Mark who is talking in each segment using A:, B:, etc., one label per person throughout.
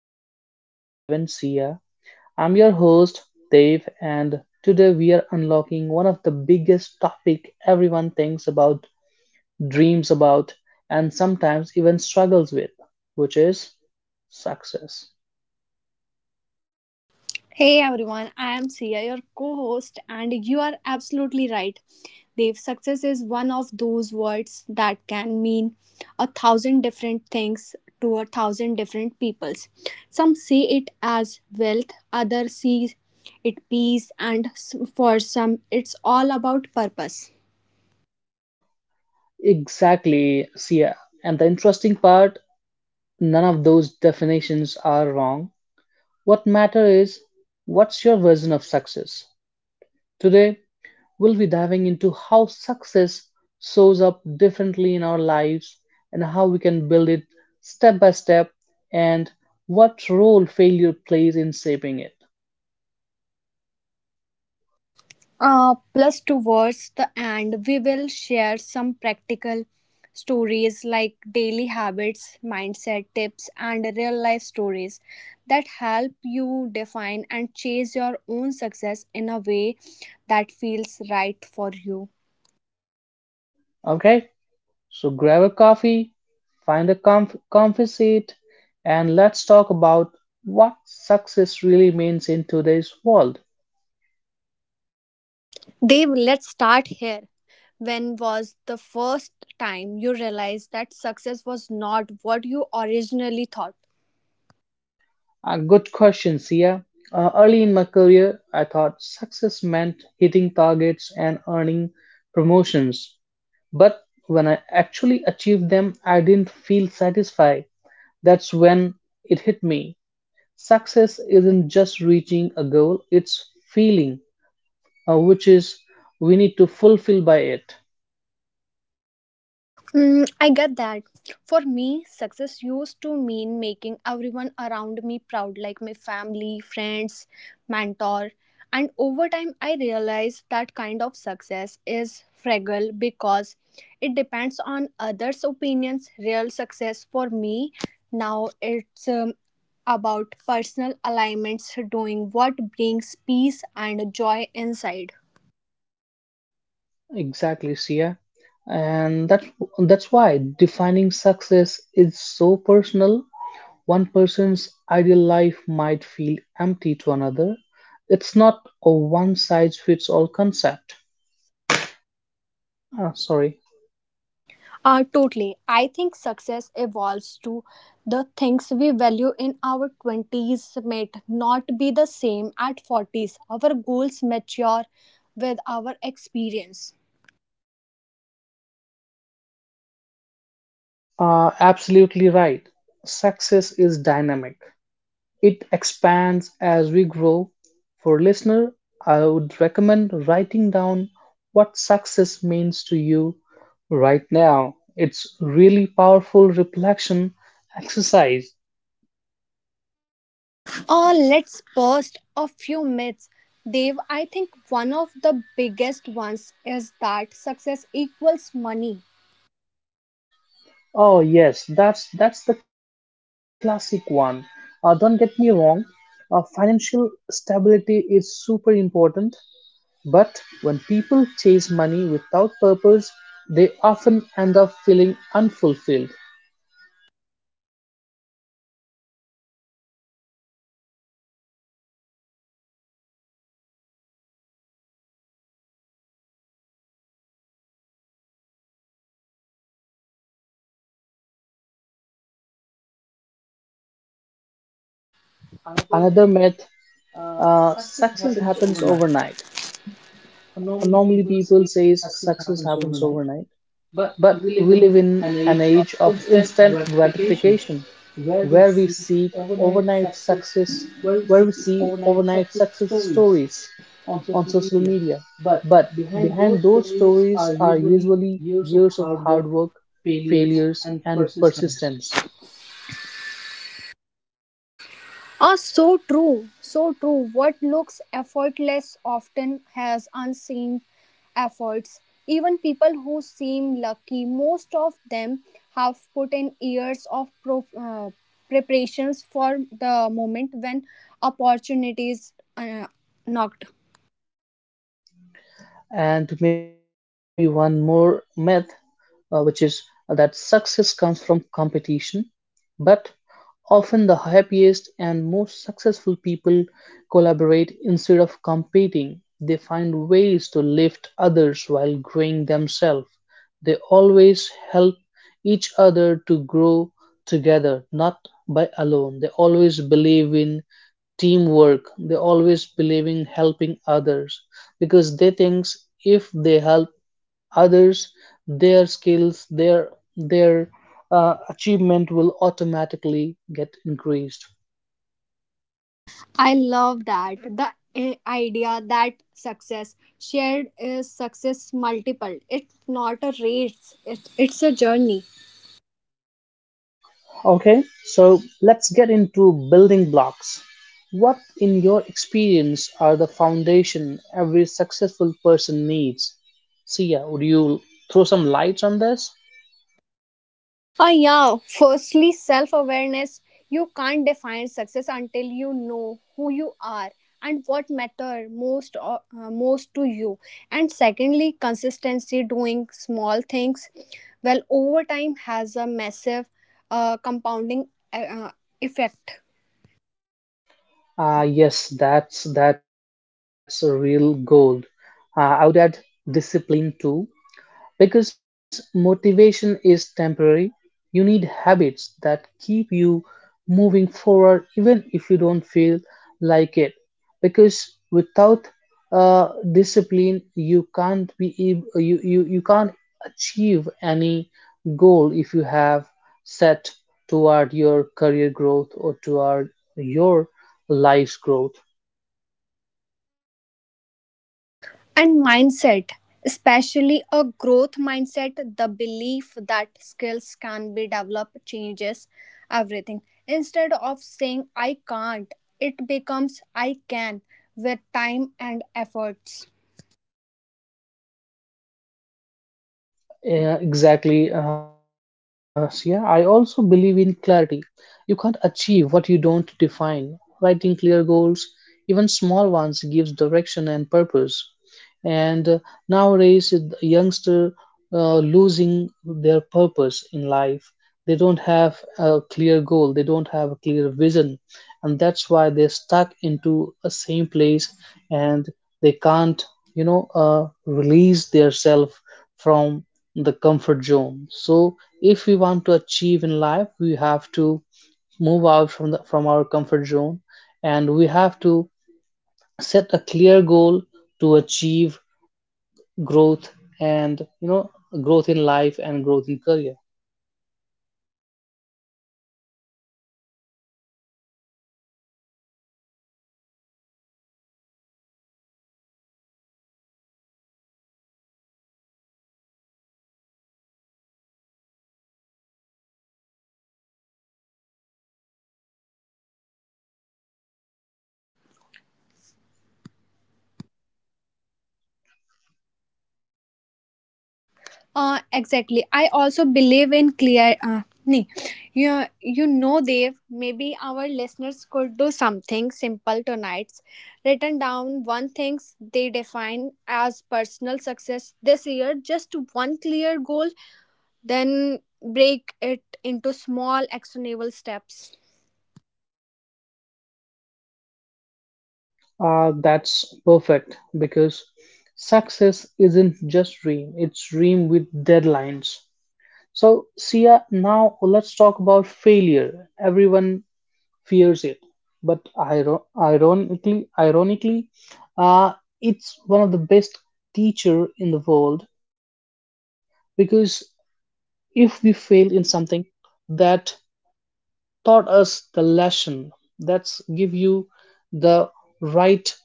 A: Chats with Dave and Sia. I'm your host, Dave, and today we are unlocking one of the biggest topic everyone thinks about, dreams about, and sometimes even struggles with, which is success.
B: Hey everyone, I am Sia, your co host, and you are absolutely right. Dev, success is one of those words that can mean a thousand different things to a thousand different peoples. Some see it as wealth, others see it peace, and for some, it's all about purpose.
A: Exactly, Sia. And the interesting part, none of those definitions are wrong. What matter is what's your version of success? Today, we'll be diving into how success shows up differently in our lives and how we can build it step by step and what role failure plays in shaping it.
B: Plus, towards the end, we will share some practical stories like daily habits, mindset tips, and real life stories that help you define and chase your own success in a way that feels right for you.
A: Okay, so grab a coffee, find a comfy seat, and let's talk about what success really means in today's world.
B: Dave, let's start here. When was the first time you realized that success was not what you originally thought?
A: A good question, Sia. Early in my career, I thought success meant hitting targets and earning promotions. But when I actually achieved them, I didn't feel satisfied. That's when it hit me. Success isn't just reaching a goal, it's feeling, which is we need to fulfill by it.
B: Mm, I get that. For me, success used to mean making everyone around me proud, like my family, friends, mentor. And over time, I realized that kind of success is fragile because it depends on others' opinions. Real success for me now it's about personal alignments, doing what brings peace and joy inside.
A: Exactly, Sia. And that's why defining success is so personal. One person's ideal life might feel empty to another. It's not a one size fits all concept. Ah, sorry.
B: Totally. I think success evolves too. The things we value in our 20s might not be the same at 40s. Our goals mature with our experience.
A: Absolutely right. Success is dynamic. It expands as we grow. For listener, I would recommend writing down what success means to you right now. It's really powerful reflection exercise.
B: Let's bust a few myths. Dave, I think one of the biggest ones is that success equals money.
A: Oh yes, that's the classic one. Don't get me wrong. Financial stability is super important, but when people chase money without purpose, they often end up feeling unfulfilled.
B: Another
A: Another
B: myth,
A: myth:
B: success
A: success
B: happens
A: happens
B: overnight.
A: overnight.
B: Normally
A: Normally,
B: people
A: people
B: say
A: say
B: success
A: success
B: happens
A: happens
B: overnight,
A: overnight,
B: but
A: but
B: we live
A: we live
B: in
A: in
B: an
A: an
B: age of
A: age of
B: instant
A: instant
B: gratification,
A: gratification,
B: where we
A: where we
B: seek
A: seek
B: overnight
A: overnight
B: success,
A: success,
B: where we
A: where
B: see
A: we see
B: overnight
A: overnight
B: success
A: success
B: stories
A: stories
B: on
A: on
B: social
A: social
B: media.
A: media.
B: But
A: But
B: behind those
A: behind those
B: stories are
A: stories are
B: usually
A: usually
B: years of
A: years of
B: hard work,
A: hard work,
B: failures,
A: failures,
B: and
A: and
B: persistence.
A: persistence.
B: Ah, so true, so true. What looks effortless often has unseen efforts. Even people who seem lucky, most of them have put in years of preparations for the moment when opportunities knocked.
A: And maybe one more myth, which is that success comes from competition, but often the happiest and most successful people collaborate instead of competing. They find ways to lift others while growing themselves. They always help each other to grow together, not by alone. They always believe in teamwork. They always believe in helping others because they think if they help others, their skills, their achievement will automatically get increased.
B: I love that. The idea that success shared is success multiple. It's not a race, it's a journey.
A: Okay, so let's get into building blocks. What, in your experience, are the foundation every successful person needs? Sia, would you throw some lights on this?
B: Yeah. Firstly, self awareness. You can't define success until you know who you are and what matter most or most to you. And secondly, consistency, doing small things well over time has a massive compounding effect.
A: Yes, that's a real goal. I would add discipline too, because motivation is temporary, you need habits that keep you moving forward even if you don't feel like it. Because without discipline, you can't be you can't achieve any goal if you have set toward your career growth or toward your life's growth.
B: And mindset, especially a growth mindset, the belief that skills can be developed changes everything. Instead of saying I can't, it becomes I can with time and efforts.
A: Yeah, exactly, Sia. I also believe in clarity. You can't achieve what you don't define. Writing clear goals, even small ones, gives direction and purpose. And nowadays, the youngster losing their purpose in life. They don't have a clear goal. They don't have a clear vision, and that's why they're stuck into a same place and they can't, you know, release their self from the comfort zone. So if we want to achieve in life, we have to move out from the from our comfort zone, and we have to set a clear goal to achieve growth, and you know, growth in life and growth in career.
B: Exactly. I also believe in clear. Nee. You know, Dev, maybe our listeners could do something simple tonight. Written down one things they define as personal success this year, just one clear goal, then break it into small actionable steps.
A: That's perfect because success isn't just dream, it's dream with deadlines. So, Sia, now let's talk about failure. Everyone fears it, but ironically, uh, it's one of the best teacher in the world, because if we fail in something, that taught us the lesson, that's give you the right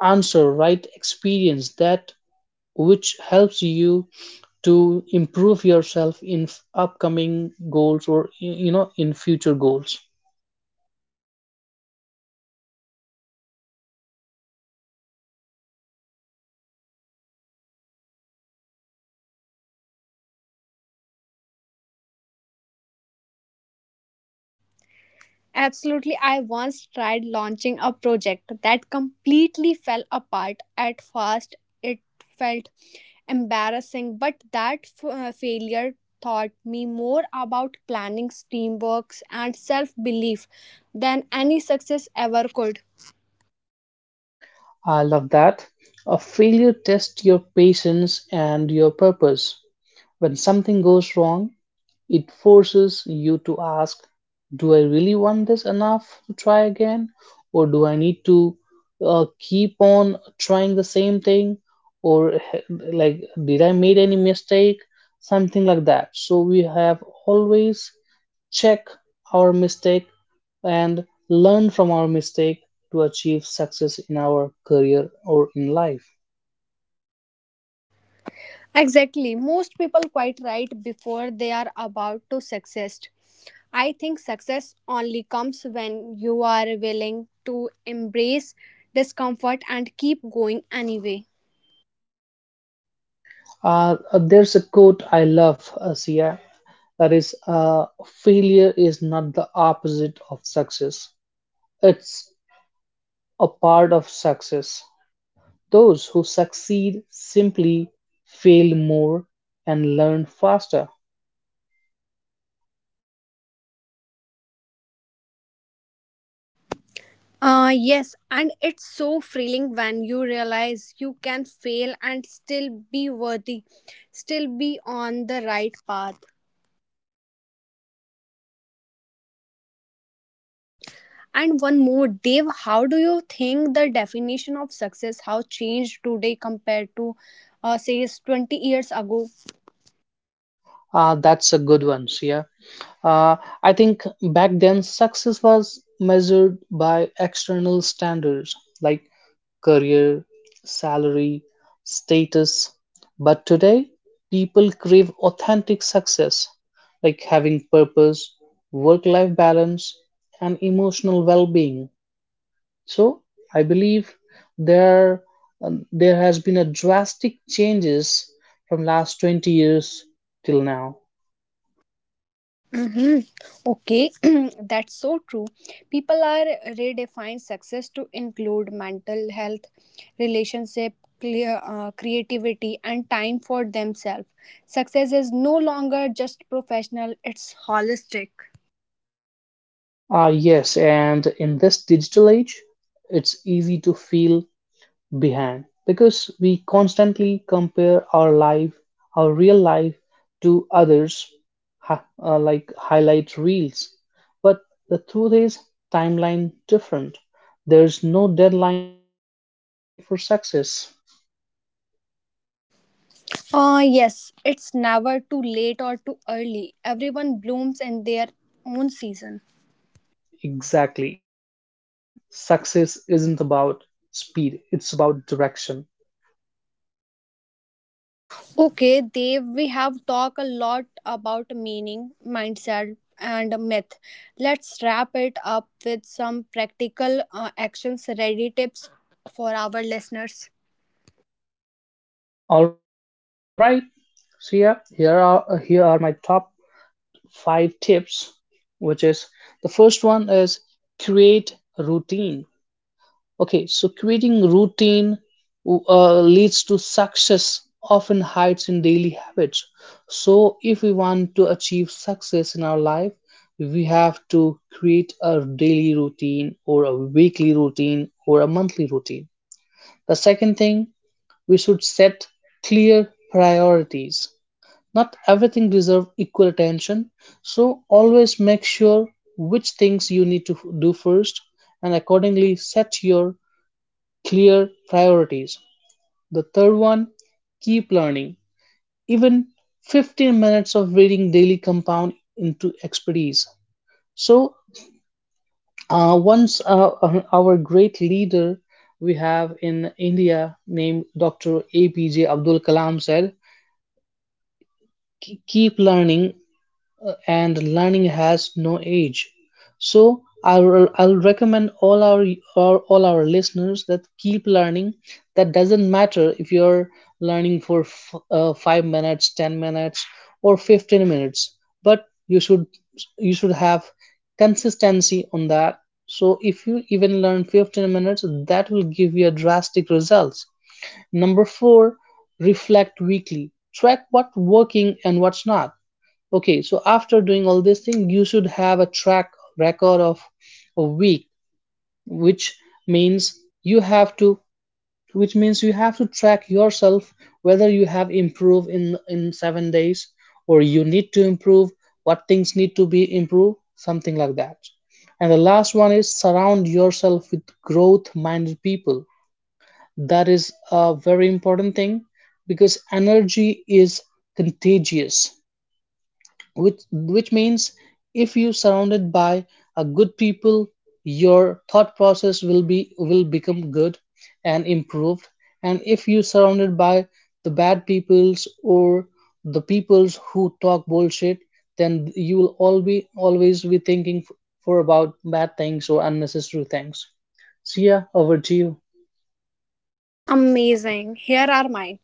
A: answer, right experience, that which helps you to improve yourself in upcoming goals or, you know, in future goals.
B: Absolutely. I once tried launching a project that completely fell apart. At first, it felt embarrassing, but that failure taught me more about planning, teamwork, and self belief than any success ever could.
A: I love that. A failure tests your patience and your purpose. When something goes wrong, it forces you to ask, do I really want this enough to try again? Or do I need to keep on trying the same thing? Or like, did I made any mistake? Something like that. So we have always check our mistake and learn from our mistake to achieve success in our career or in life.
B: Exactly. Most people quite right before they are about to success. I think success only comes when you are willing to embrace discomfort and keep going anyway.
A: There's a quote I love, Asiya. That is, failure is not the opposite of success, it's a part of success. Those who succeed simply fail more and learn faster.
B: Yes, and it's so thrilling when you realize you can fail and still be worthy, still be on the right path. And one more, Dave, how do you think the definition of success how changed today compared to, say, 20 years ago?
A: Ah, that's a good one, Shia. Uh, I think back then success was measured by external standards like career, salary, status. But today, people crave authentic success like having purpose, work life balance, and emotional well being. So, I believe there, there has been a drastic changes from last 20 years till now.
B: Hmm. Okay, that's so true. People are redefine success to include mental health, relationship, creativity, and time for themselves. Success is no longer just professional; it's holistic.
A: Ah, yes, and in this digital age, it's easy to feel behind because we constantly compare our life, our real life, to others, like highlight reels. But the truth is, timeline different. There's no deadline for success.
B: Yes, it's never too late or too early. Everyone blooms in their own season.
A: Exactly. Success isn't about speed, it's about direction.
B: Okay, Dev, we have talked a lot about meaning, mindset, and myth. Let's wrap it up with some practical actions ready tips for our listeners.
A: All right. So yeah, here are my top five tips, which is the first one is create routine. Okay, so creating routine leads to success often hides in daily habits. So if we want to achieve success in our life, we have to create a daily routine or a weekly routine or a monthly routine. The second thing, we should set clear priorities. Not everything deserves equal attention, so always make sure which things you need to do first and accordingly set your clear priorities. The third one, keep learning. Even 15 minutes of reading daily compound into expertise. So, once our great leader we have in India named Dr. APJ Abdul Kalam said, Keep learning, and learning has no age." So I'll recommend all our listeners that keep learning. That doesn't matter if you're learning for f 5 minutes, 10 minutes, or 15 minutes, but you should have consistency on that. So if you even learn 15 minutes, that will give you a drastic results. Number four, reflect weekly. Track what's working and what's not. Okay, so after doing all this thing, you should have a track record of a week, which means you have to track yourself whether you have improved in 7 days or you need to improve, what things need to be improved, something like that. And the last one is surround yourself with growth minded people. That is a very important thing because energy is contagious, which means if you surrounded by a good people, your thought process will become good and improved. And if you surrounded by the bad peoples or the peoples who talk bullshit, then you will all be always be thinking for about bad things or unnecessary things. So yeah, over to you.
B: Amazing. Here are mine.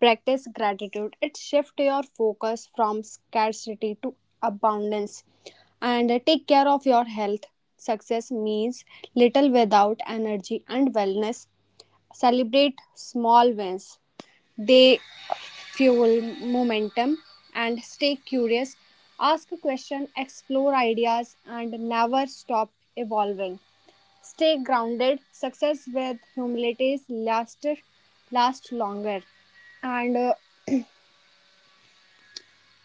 B: Practice gratitude. It shifts your focus from scarcity to abundance. And take care of your health. Success means little without energy and wellness. Celebrate small wins. They fuel momentum. And stay curious, ask questions, explore ideas, and never stop evolving. Stay grounded. Success with humility lasts last longer. And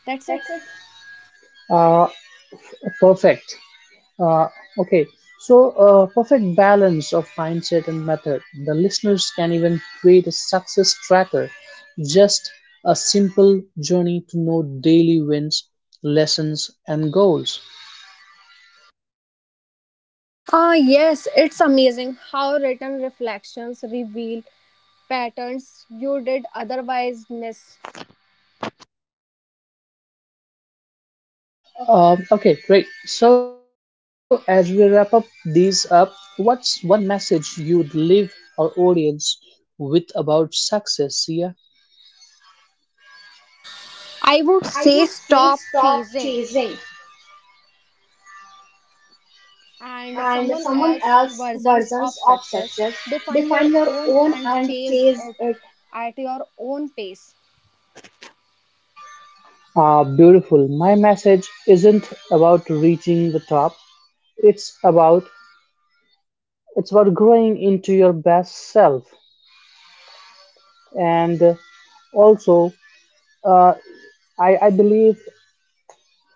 B: That's it.
A: Uh, Perfect. Uh, okay, so perfect balance of mindset and method. The listeners can even create a success tracker, just a simple journey to know daily wins, lessons, and goals.
B: Ah, yes, it's amazing how written reflections reveal patterns you did otherwise miss.
A: Okay, great. So as we wrap up these up, what's one message you would leave our audience with about success, Sia?
B: I
A: I
B: would
A: would
B: say
A: say
B: stop
A: stop
B: chasing
A: chasing
B: and
A: and
B: someone
A: someone
B: else's
A: else's
B: versions
A: versions
B: of
A: of
B: success.
A: success.
B: Define
A: Define
B: your
A: your
B: own
A: own
B: and
A: and
B: chase
A: chase
B: it
A: it.
B: at your own pace.
A: Ah, beautiful. My message isn't about reaching the top. It's about it's about growing into your best self. And also, uh, I believe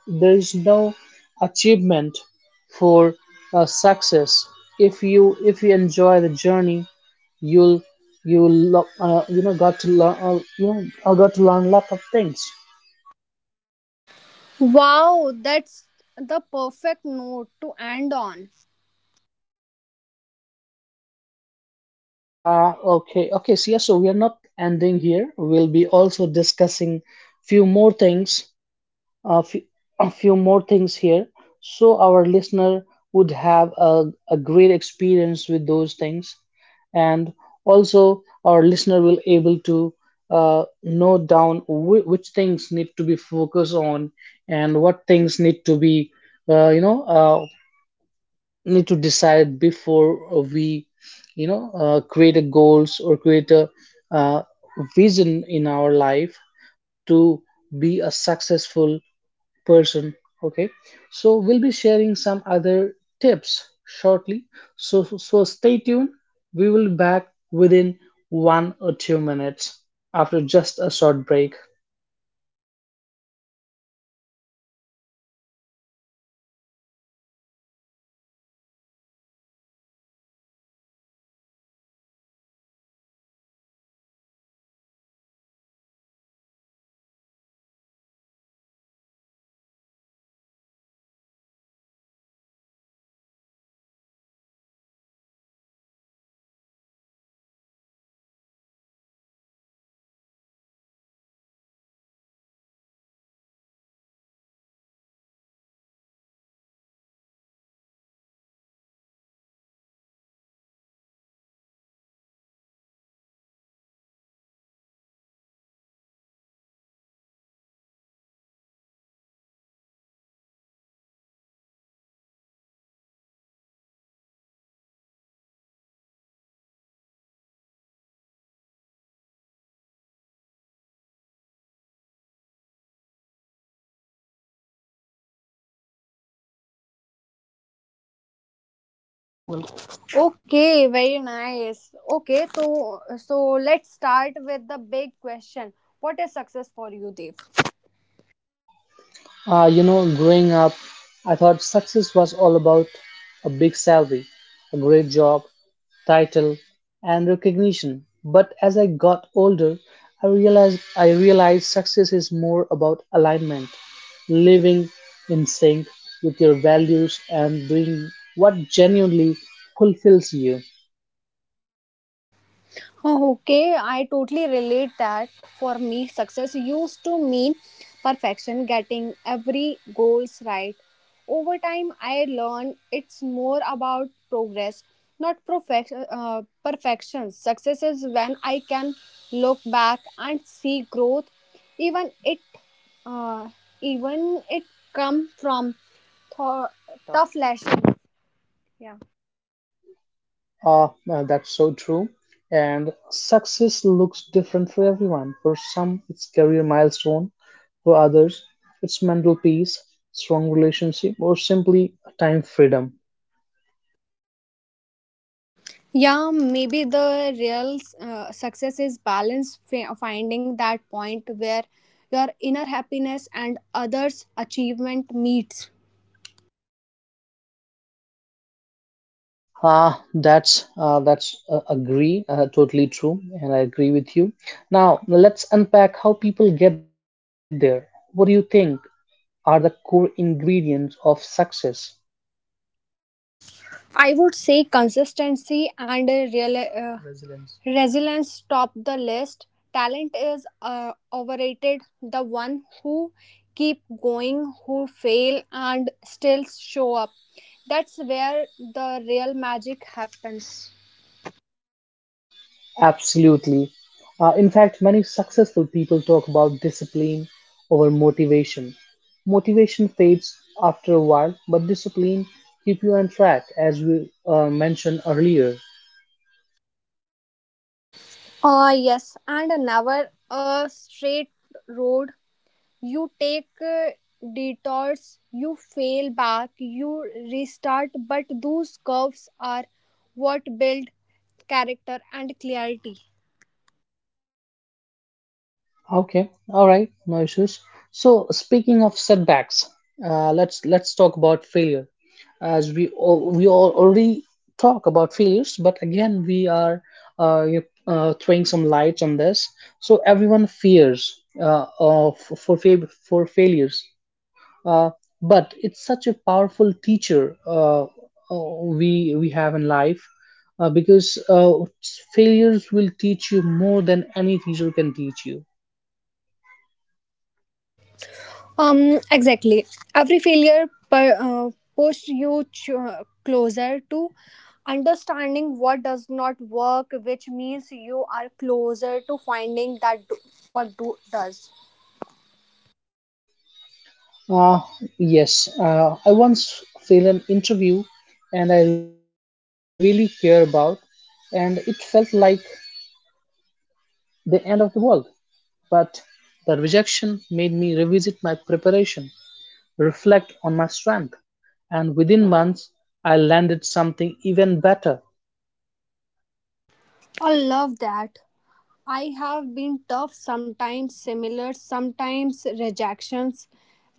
A: there is no achievement for success. If you enjoy the journey, you'll you know, got to learn a lot of things.
B: Wow, that's the perfect note to end on.
A: Uh, okay, okay. So yeah, so we are not ending here. We'll be also discussing few more things, a few, a few more things here, so our listener would have a great experience with those things, and also our listener will able to note down which things need to be focused on and what things need to be, uh, you know uh, need to decide before we, create a goals or create a uh, vision in our life to be a successful person. Okay, so we'll be sharing some other tips shortly, so so stay tuned. We will be back within 1 or 2 minutes after just a short break.
B: Okay, very nice. Okay, so let's start with the big question. What is success for you, Dev?
A: You know, growing up, I thought success was all about a big salary, a great job, title, and recognition. But as I got older, I realized success is more about alignment, living in sync with your values and doing what genuinely fulfills you.
B: Oh, okay, I totally relate that. For me, success used to mean perfection, getting every goals right. Over time, I learned it's more about progress, not perfection. Success is when I can look back and see growth, even it, uh, even it come from th- tough lesson. Yeah.
A: No, that's so true. And success looks different for everyone. For some, it's career milestone. For others, it's mental peace, strong relationship, or simply time freedom.
B: Yeah, maybe the real success is balance, finding that point where your inner happiness and others' achievement meets.
A: Ah, that's agree Totally true, and I agree with you. Now let's unpack how people get there. What do you think are the core ingredients of success?
B: I would say consistency and a real resilience. Resilience top the list. Talent is overrated. The one who keep going, who fail and still show up. That's where the real magic happens.
A: Absolutely. In fact, many successful people talk about discipline over motivation. Motivation fades after a while, but discipline keep you on track, as we mentioned earlier.
B: Oh, yes, and never a straight road. You take detours, you fail back, you restart, but those curves are what build character and clarity.
A: Okay, all right, no issues. So speaking of setbacks, let's talk about failure. As we already talk about failures, but again we are throwing some lights on this. So everyone fears for failures, uh, but it's such a powerful teacher uh, we have in life, because failures will teach you more than any teacher can teach you.
B: Exactly. Every failure pushed you closer to understanding what does not work, which means you are closer to finding that what do does.
A: Uh, yes, I once failed an interview and I really care about, and it felt like the end of the world. But the rejection made me revisit my preparation, reflect on my strength, and within months I landed something even better.
B: I love that. I have been tough, sometimes similar, sometimes rejections,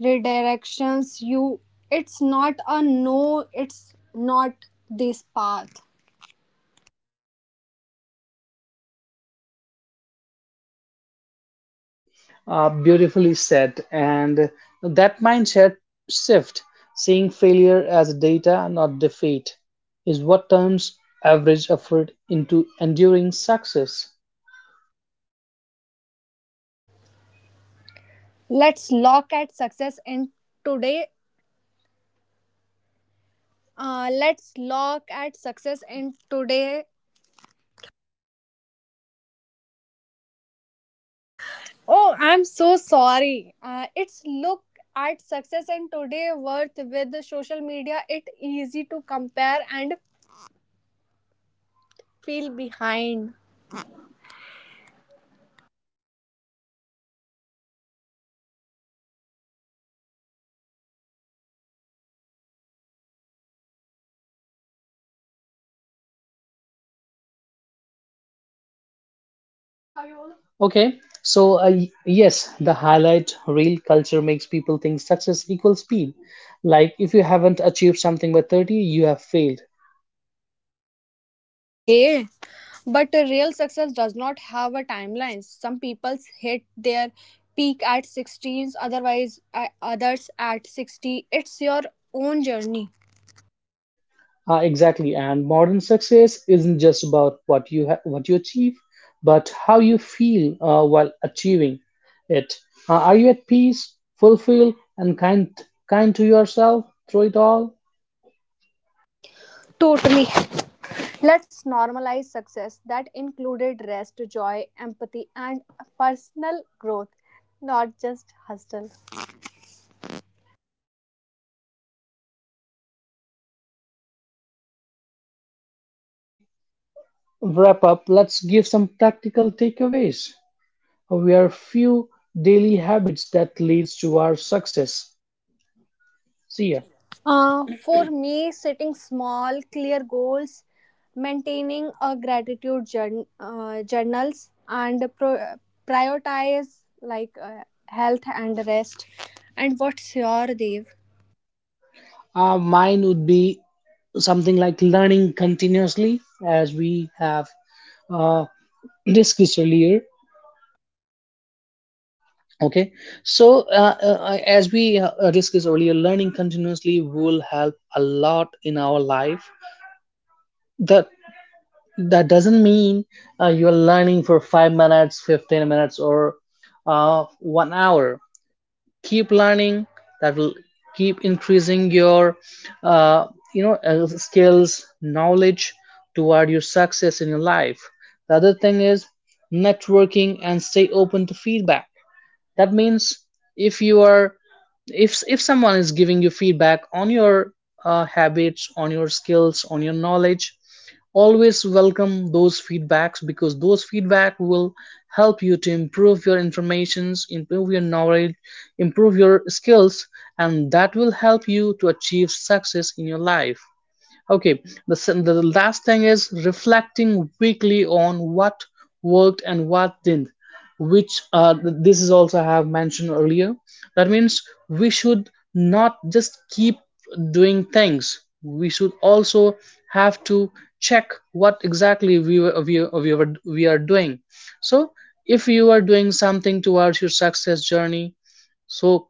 B: redirections. You, it's not a no, it's not this path.
A: Beautifully said. And that mindset shift, seeing failure as data, not defeat, is what turns average effort into enduring success.
B: Let's look at success in today. Let's look at success in today. Oh, I'm so sorry. It's look at success in today worth with the social media. It easy to compare and feel behind.
A: Okay, so yes, the highlight reel culture makes people think success equals speed. Like if you haven't achieved something by 30, you have failed.
B: Okay. But a real success does not have a timeline. Some people hit their peak at 16, otherwise others at 60. It's your own journey.
A: Exactly, and modern success isn't just about what you achieve, but how you feel while achieving it. Are you at peace, fulfilled, and kind to yourself through it all?
B: Totally. Let's normalize success that included rest, joy, empathy and personal growth, not just hustle.
A: Okay, so before we wrap up, let's give some practical takeaways. We are few daily habits that leads to our success. See ya.
B: Yes. For me, setting small, clear goals, maintaining a gratitude journals, and prioritize like health and rest. And what's your Dev?
A: Mine would be something like learning continuously, as we have uh, discussed earlier. Okay, so as we discussed earlier, learning continuously will help a lot in our life. That that doesn't mean you're learning for 5 minutes, 15 minutes, or 1 hour. Keep learning. That will keep increasing your uh, skills, knowledge toward your success in your life. The other thing is networking and stay open to feedback. That means if you are, if someone is giving you feedback on your habits, on your skills, on your knowledge, always welcome those feedbacks, because those feedback will help you to improve your informations, improve your knowledge, improve your skills, and that will help you to achieve success in your life. The last thing is reflecting weekly on what worked and what didn't, which this is also I have mentioned earlier. That means we should not just keep doing things. We should also have to check what exactly we are doing. So if you are doing something towards your success journey, so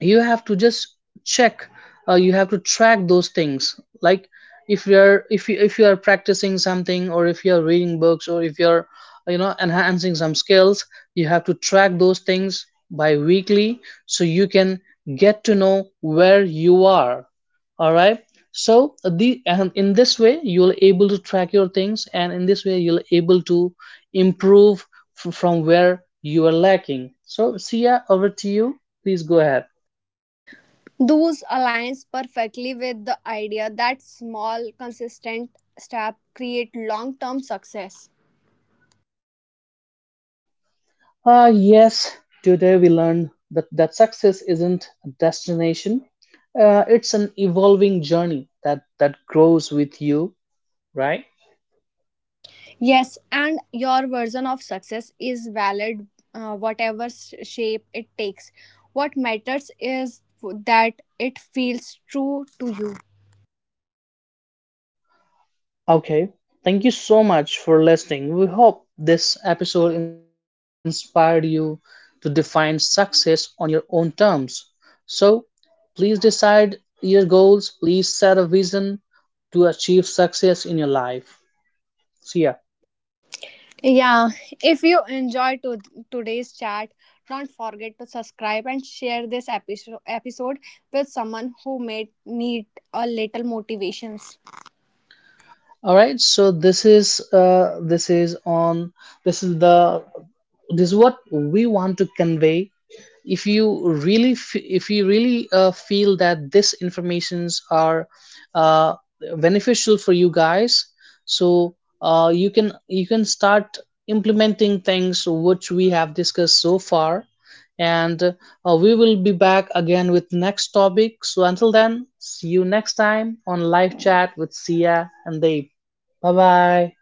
A: you have to just check. Uh, you have to track those things, like if you are practicing something, or if you're reading books, or if you're, you know, enhancing some skills, you have to track those things by weekly so you can get to know where you are. All right, so the and in this way you'll able to track your things, and in this way you'll able to improve from where you are lacking. So Sia, over to you, please go ahead.
B: Those aligns perfectly with the idea that small, consistent step create long-term success.
A: Ah, yes, today we learned that success isn't a destination, it's an evolving journey that grows with you, right?
B: Yes, and your version of success is valid, whatever shape it takes. What matters is that it feels true to you.
A: Okay, thank you so much for listening. We hope this episode inspired you to define success on your own terms. So please decide your goals, please set a vision to achieve success in your life. See ya.
B: Yeah, if you enjoyed today's chat, don't forget to subscribe and share this episode with someone who may need a little motivations.
A: All right, so this is on this is the this is what we want to convey. If you really feel that this informations are uh, beneficial for you guys, so you can start implementing things which we have discussed so far, and we will be back again with next topic. So until then, see you next time on live chat with Sia and Dave. Bye bye.